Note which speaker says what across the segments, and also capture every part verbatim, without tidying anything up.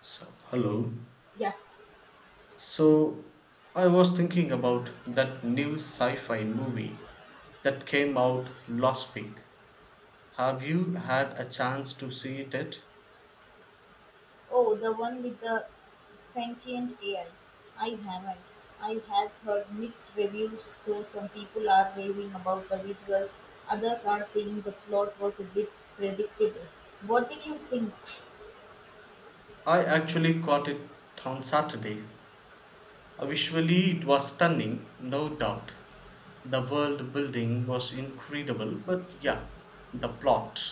Speaker 1: So, hello.
Speaker 2: Yeah.
Speaker 1: So, I was thinking about that new sci fi movie that came out last week. Have you had a chance to see it yet?
Speaker 2: Oh, the one with the sentient A I. I I haven't. I have heard mixed reviews, though some people are raving about the visuals, others are saying the plot was a bit predictable. What did you think?
Speaker 1: I actually caught it on Saturday. Uh, Visually, it was stunning, no doubt. The world building was incredible, but yeah, the plot.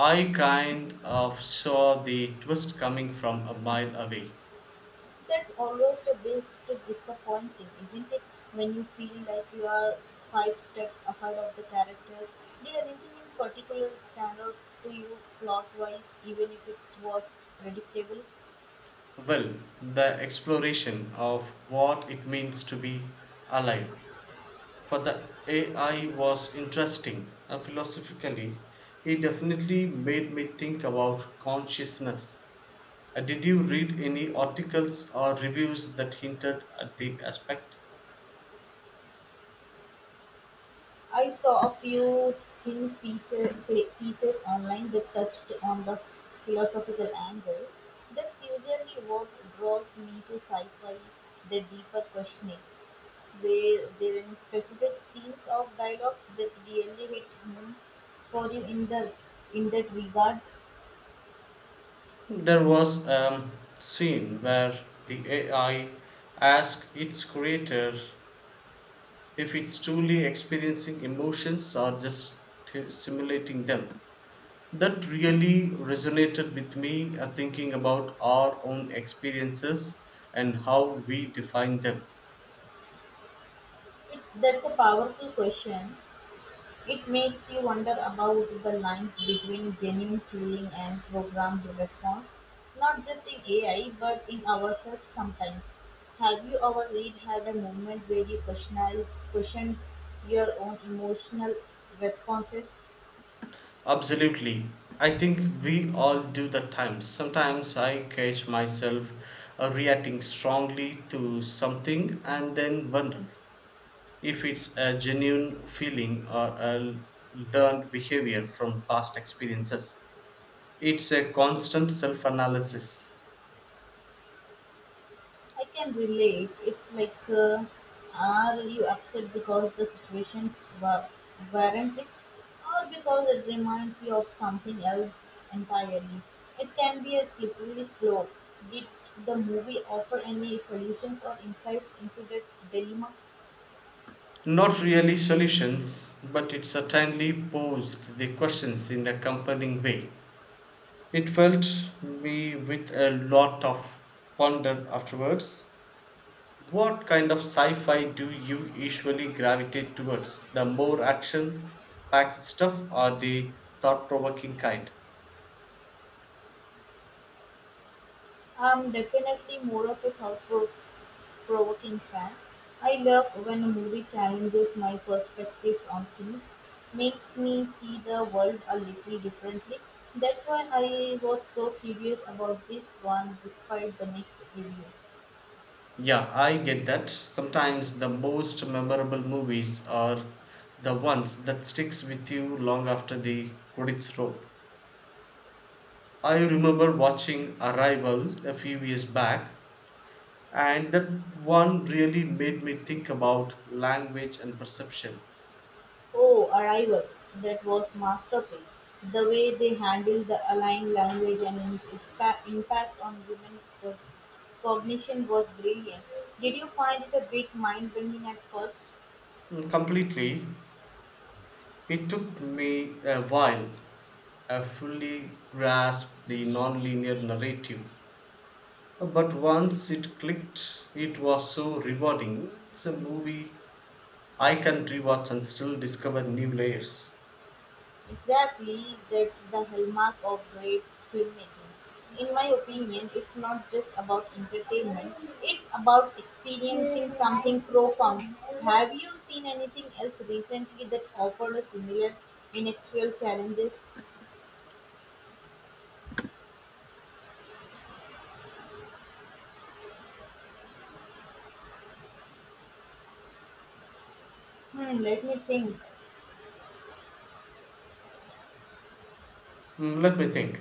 Speaker 1: I kind of saw the twist coming from a mile away.
Speaker 2: That's always a bit disappointing, isn't it? When you feel like you are five steps ahead of the characters. Did anything in particular stand out to you plot wise, even if it was predictable?
Speaker 1: Well, the exploration of what it means to be alive. For the A I was interesting uh, philosophically. It definitely made me think about consciousness. Uh, did you read any articles or reviews that hinted at the aspect?
Speaker 2: I saw a few thin pieces, pieces online that touched on the philosophical angle. That's usually what draws me to sci-fi, the deeper questioning. Were there any specific scenes of dialogues that really hit home for you in the in that regard?
Speaker 1: There was a scene where the A I asked its creator if it's truly experiencing emotions or just t- simulating them. That really resonated with me, uh, thinking about our own experiences and how we define them.
Speaker 2: It's that's a powerful question. It makes you wonder about the lines between genuine feeling and programmed response, not just in A I but in ourselves sometimes. Have you ever read had a moment where you questioned questioned your own emotional responses?
Speaker 1: Absolutely. I think we all do that times. Sometimes I catch myself uh, reacting strongly to something and then wonder if it's a genuine feeling or a learned behavior from past experiences. It's a constant self analysis.
Speaker 2: I can relate. It's like, uh, are you upset because the situations wa- warrants it, or because it reminds you of something else entirely? It can be a slippery slope. Did the movie offer any solutions or insights into that dilemma?
Speaker 1: Not really solutions, but it certainly posed the questions in a compelling way. It felt me with a lot of ponder afterwards. What kind of sci fi do you usually gravitate towards? The more action packed stuff or the thought provoking kind?
Speaker 2: I'm definitely more of a thought-provoking fan. I love when a movie challenges my perspectives on things, makes me see the world a little differently. That's why I was so curious about this one despite the mixed reviews.
Speaker 1: Yeah, I get that. Sometimes the most memorable movies are the ones that sticks with you long after the credits roll. I remember watching Arrival a few years back, and that one really made me think about language and perception.
Speaker 2: Oh, Arrival, that was masterpiece. The way they handle the alien language and its pa- impact on women co- cognition was brilliant. Did you find it a bit mind-bending at first?
Speaker 1: Mm, completely. It took me a while I fully grasped the nonlinear narrative, but once it clicked, it was so rewarding. It's a movie I can rewatch and still discover new layers.
Speaker 2: Exactly, that's the hallmark of great filmmaking. In my opinion, it's not just about entertainment, it's about experiencing something profound. Have you seen anything else recently that offered a similar intellectual challenges? Hmm, let me think.
Speaker 1: Mm, let me think.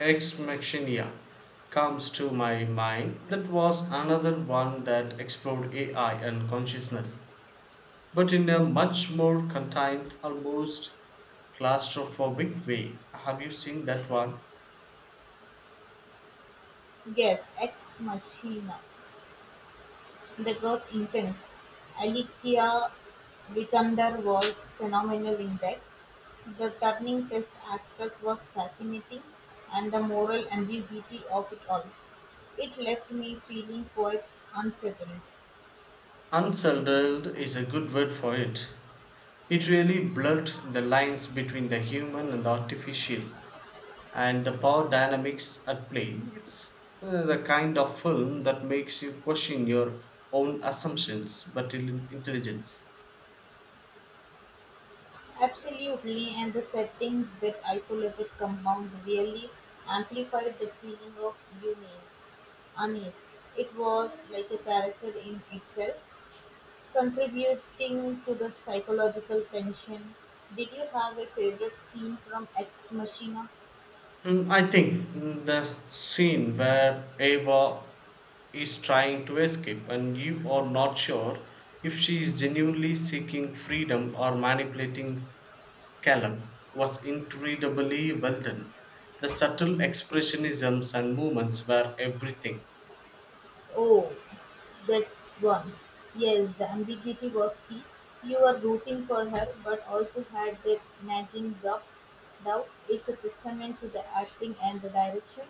Speaker 1: Ex Machina comes to my mind. That was another one that explored A I and consciousness, but in a much more contained, almost claustrophobic way. Have you seen that one?
Speaker 2: Yes, Ex Machina. That was intense. Alicia Vikander was phenomenal in that. The turning test aspect was fascinating, and the moral ambiguity of it all. It left me feeling quite unsettled.
Speaker 1: Unsettled is a good word for it. It really blurred the lines between the human and the artificial, and the power dynamics at play. It's uh, the kind of film that makes you question your own assumptions but in- intelligence.
Speaker 2: Absolutely, and the settings that isolated compound really amplified the feeling of unease. unease. It was like a character in itself, contributing to the psychological tension. Did you have a favorite scene from Ex Machina?
Speaker 1: Mm, I think, mm, the scene where Ava is trying to escape and you are not sure if she is genuinely seeking freedom or manipulating Caleb was incredibly well done. The subtle expressionisms and movements were everything.
Speaker 2: Oh, that one. Yes, the ambiguity was key. You were rooting for her, but also had that nagging doubt. doubt. It's a testament to the acting and the direction.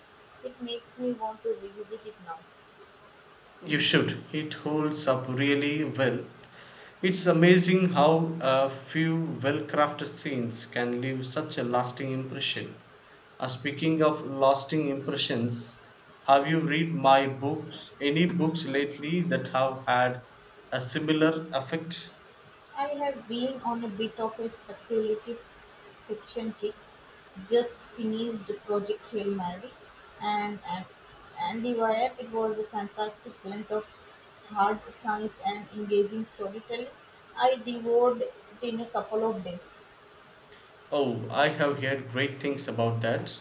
Speaker 2: It makes me want to revisit it now.
Speaker 1: You should. It holds up really well. It's amazing how a few well crafted scenes can leave such a lasting impression. Uh, speaking of lasting impressions, have you read my books? Any books lately that have had a similar effect?
Speaker 2: I have been on a bit of a speculative fiction kick. Just finished Project Hail Mary and and Andy Wire. It was a fantastic blend of hard science and engaging storytelling. I devoured it in a couple of days.
Speaker 1: Oh, I have heard great things about that.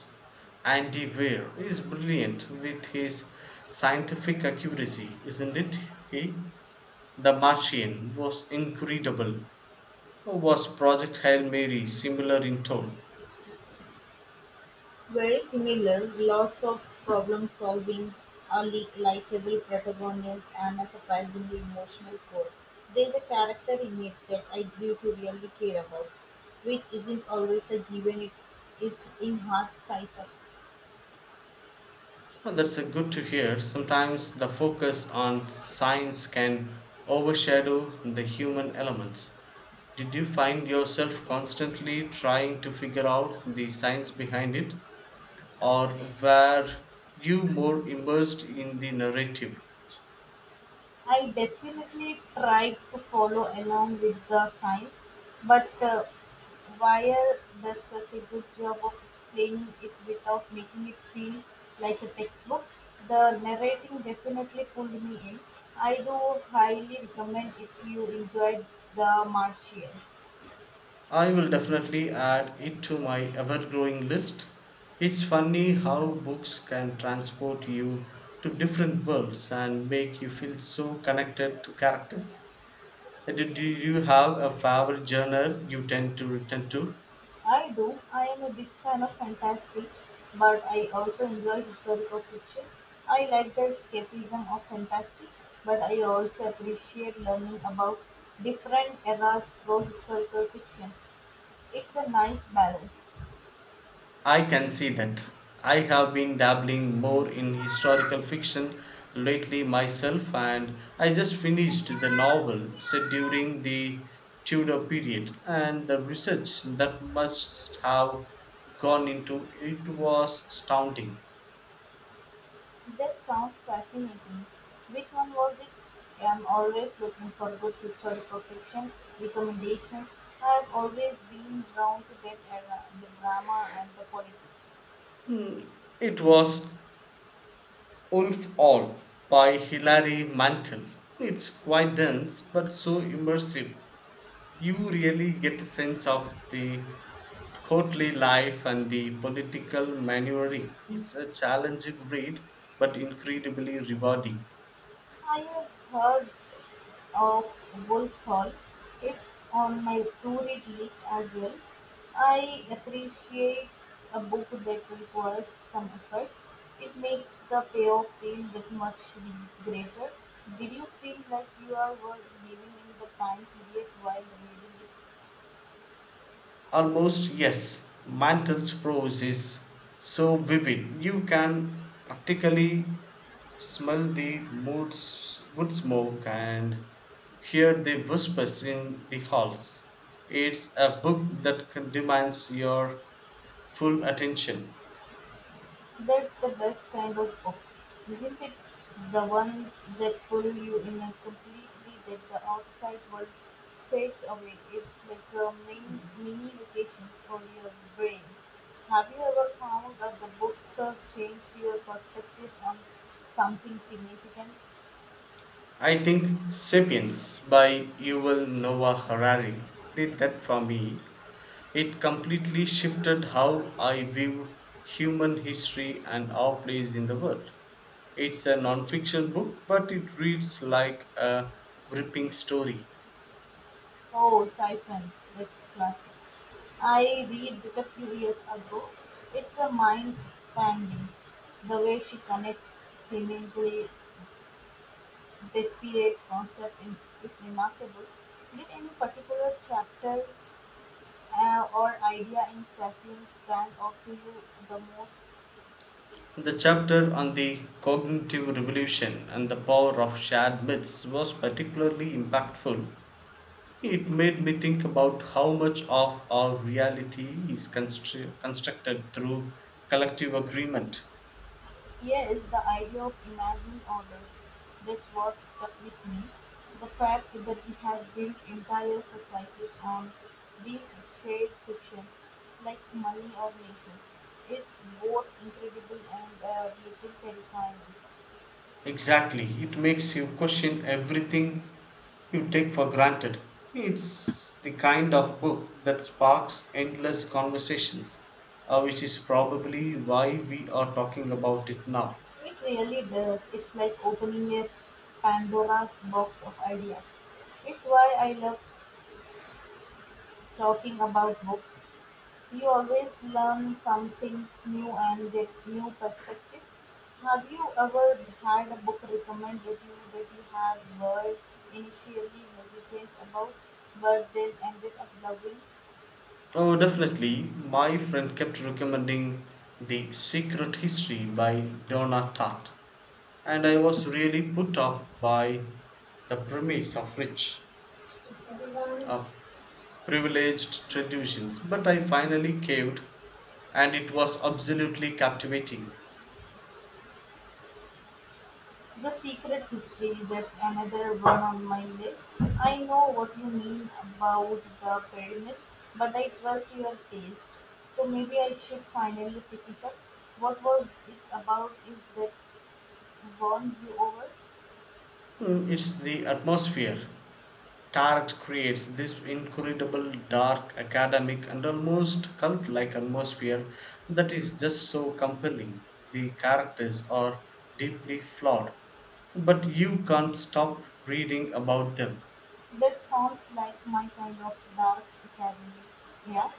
Speaker 1: Andy Weir is brilliant with his scientific accuracy, isn't it? He. The Martian was incredible. Was Project Hail Mary similar in tone?
Speaker 2: Very similar, lots of problem-solving, a li- likable protagonist, and a surprisingly emotional core. There's a character in it that I grew to really care about, which isn't always a given. It, it's in hard sci-fi.
Speaker 1: Oh, that's a good to hear. Sometimes the focus on science can overshadow the human elements. Did you find yourself constantly trying to figure out the science behind it? Or were you more immersed in the narrative?
Speaker 2: I definitely tried to follow along with the science, but uh, Wire does such a good job of explaining it without making it feel like a textbook. The narrating definitely pulled me in. I do highly recommend if you enjoyed The Martian.
Speaker 1: I will definitely add it to my ever growing list. It's funny how books can transport you to different worlds and make you feel so connected to characters. Uh, Do do you have a favorite genre you tend to return to?
Speaker 2: I do. I am a big fan of fantasy, but I also enjoy historical fiction. I like the escapism of fantasy, but I also appreciate learning about different eras through historical fiction. It's a nice balance.
Speaker 1: I can see that. I have been dabbling more in historical fiction lately myself, and I just finished the novel set during the Tudor period, and the research that must have gone into it was astounding.
Speaker 2: That sounds fascinating. Which one was it? I'm always looking for good historical fiction recommendations. I've always been drawn to that era, the drama and the politics.
Speaker 1: Hmm, it was Wolf All by Hilary Mantel. It's quite dense but so immersive. You really get a sense of the courtly life and the political maneuvering. It's a challenging read, but incredibly rewarding.
Speaker 2: I have heard of Wolf Hall. It's on my to read list as well. I appreciate a book that requires some effort. It makes the payoff feel that much greater. Did you feel like you are were living in the time period while reading it?
Speaker 1: Almost, yes, Mantel's prose is so vivid. You can practically smell the mood, s- wood smoke and hear the whispers in the halls. It's a book that can demands your full attention.
Speaker 2: That's the best kind of book, isn't it? The one that pulls you in a completely that the outside world fades away. It's like a mini, mini vacations for your brain. Have you ever found that the book that changed your perspective on something significant?
Speaker 1: I think Sapiens by Yuval Noah Harari did that for me. It completely shifted how I view human history and our place in the world. It's a non-fiction book, but it reads like a gripping story.
Speaker 2: Oh, Siphons, that's classic. I read it a few years ago. It's a mind bending. The way she connects seemingly this period concept in, is remarkable. Did any particular chapter uh, or idea in Sapiens stand out to you the most?
Speaker 1: The chapter on the cognitive revolution and the power of shared myths was particularly impactful. It made me think about how much of our reality is constru- constructed through collective agreement.
Speaker 2: Here is the idea of imagined orders. That's what stuck with me. The fact that we have built entire societies on these shared fictions, like money or nations. It's both incredible and a little terrifying.
Speaker 1: Exactly. It makes you question everything you take for granted. It's the kind of book that sparks endless conversations, uh, which is probably why we are talking about it now.
Speaker 2: It really does. It's like opening a Pandora's box of ideas. It's why I love talking about books. You always learn some things new and get new perspectives. Have you ever had a book recommend you that you have were initially hesitant about but then ended up loving?
Speaker 1: Oh, definitely. My friend kept recommending The Secret History by Donna Tartt, and I was really put off by the premise of rich, uh, privileged traditions. But I finally caved, and it was absolutely captivating.
Speaker 2: The Secret History, that's another one on my list. I know what you mean about the premise, but I trust your taste. So maybe I should finally pick it up. What was it about? Is that won you over?
Speaker 1: Mm, it's the atmosphere. Tarot creates this incredible, dark, academic, and almost cult like atmosphere that is just so compelling. The characters are deeply flawed, but you can't stop reading about them.
Speaker 2: That sounds like my kind of dark academy. Yeah,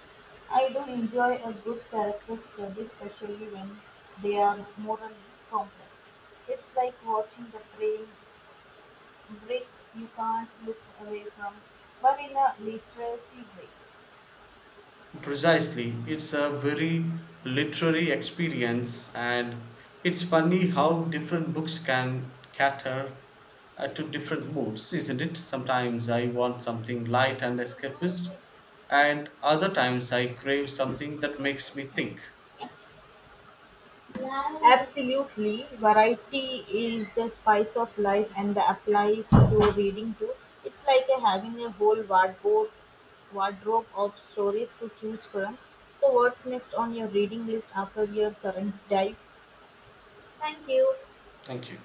Speaker 2: I do enjoy a good character study, especially when they are morally complex. It's like watching the train break, you can't look away from, but in a literacy break.
Speaker 1: Precisely. It's a very literary experience, and it's funny how different books can cater, uh, to different moods, isn't it? Sometimes I want something light and escapist, and other times I crave something that makes me think.
Speaker 2: Absolutely. Variety is the spice of life and that applies to reading too. It's like a, having a whole wardrobe, wardrobe of stories to choose from. So, what's next on your reading list after your current dive? Thank you.
Speaker 1: Thank you.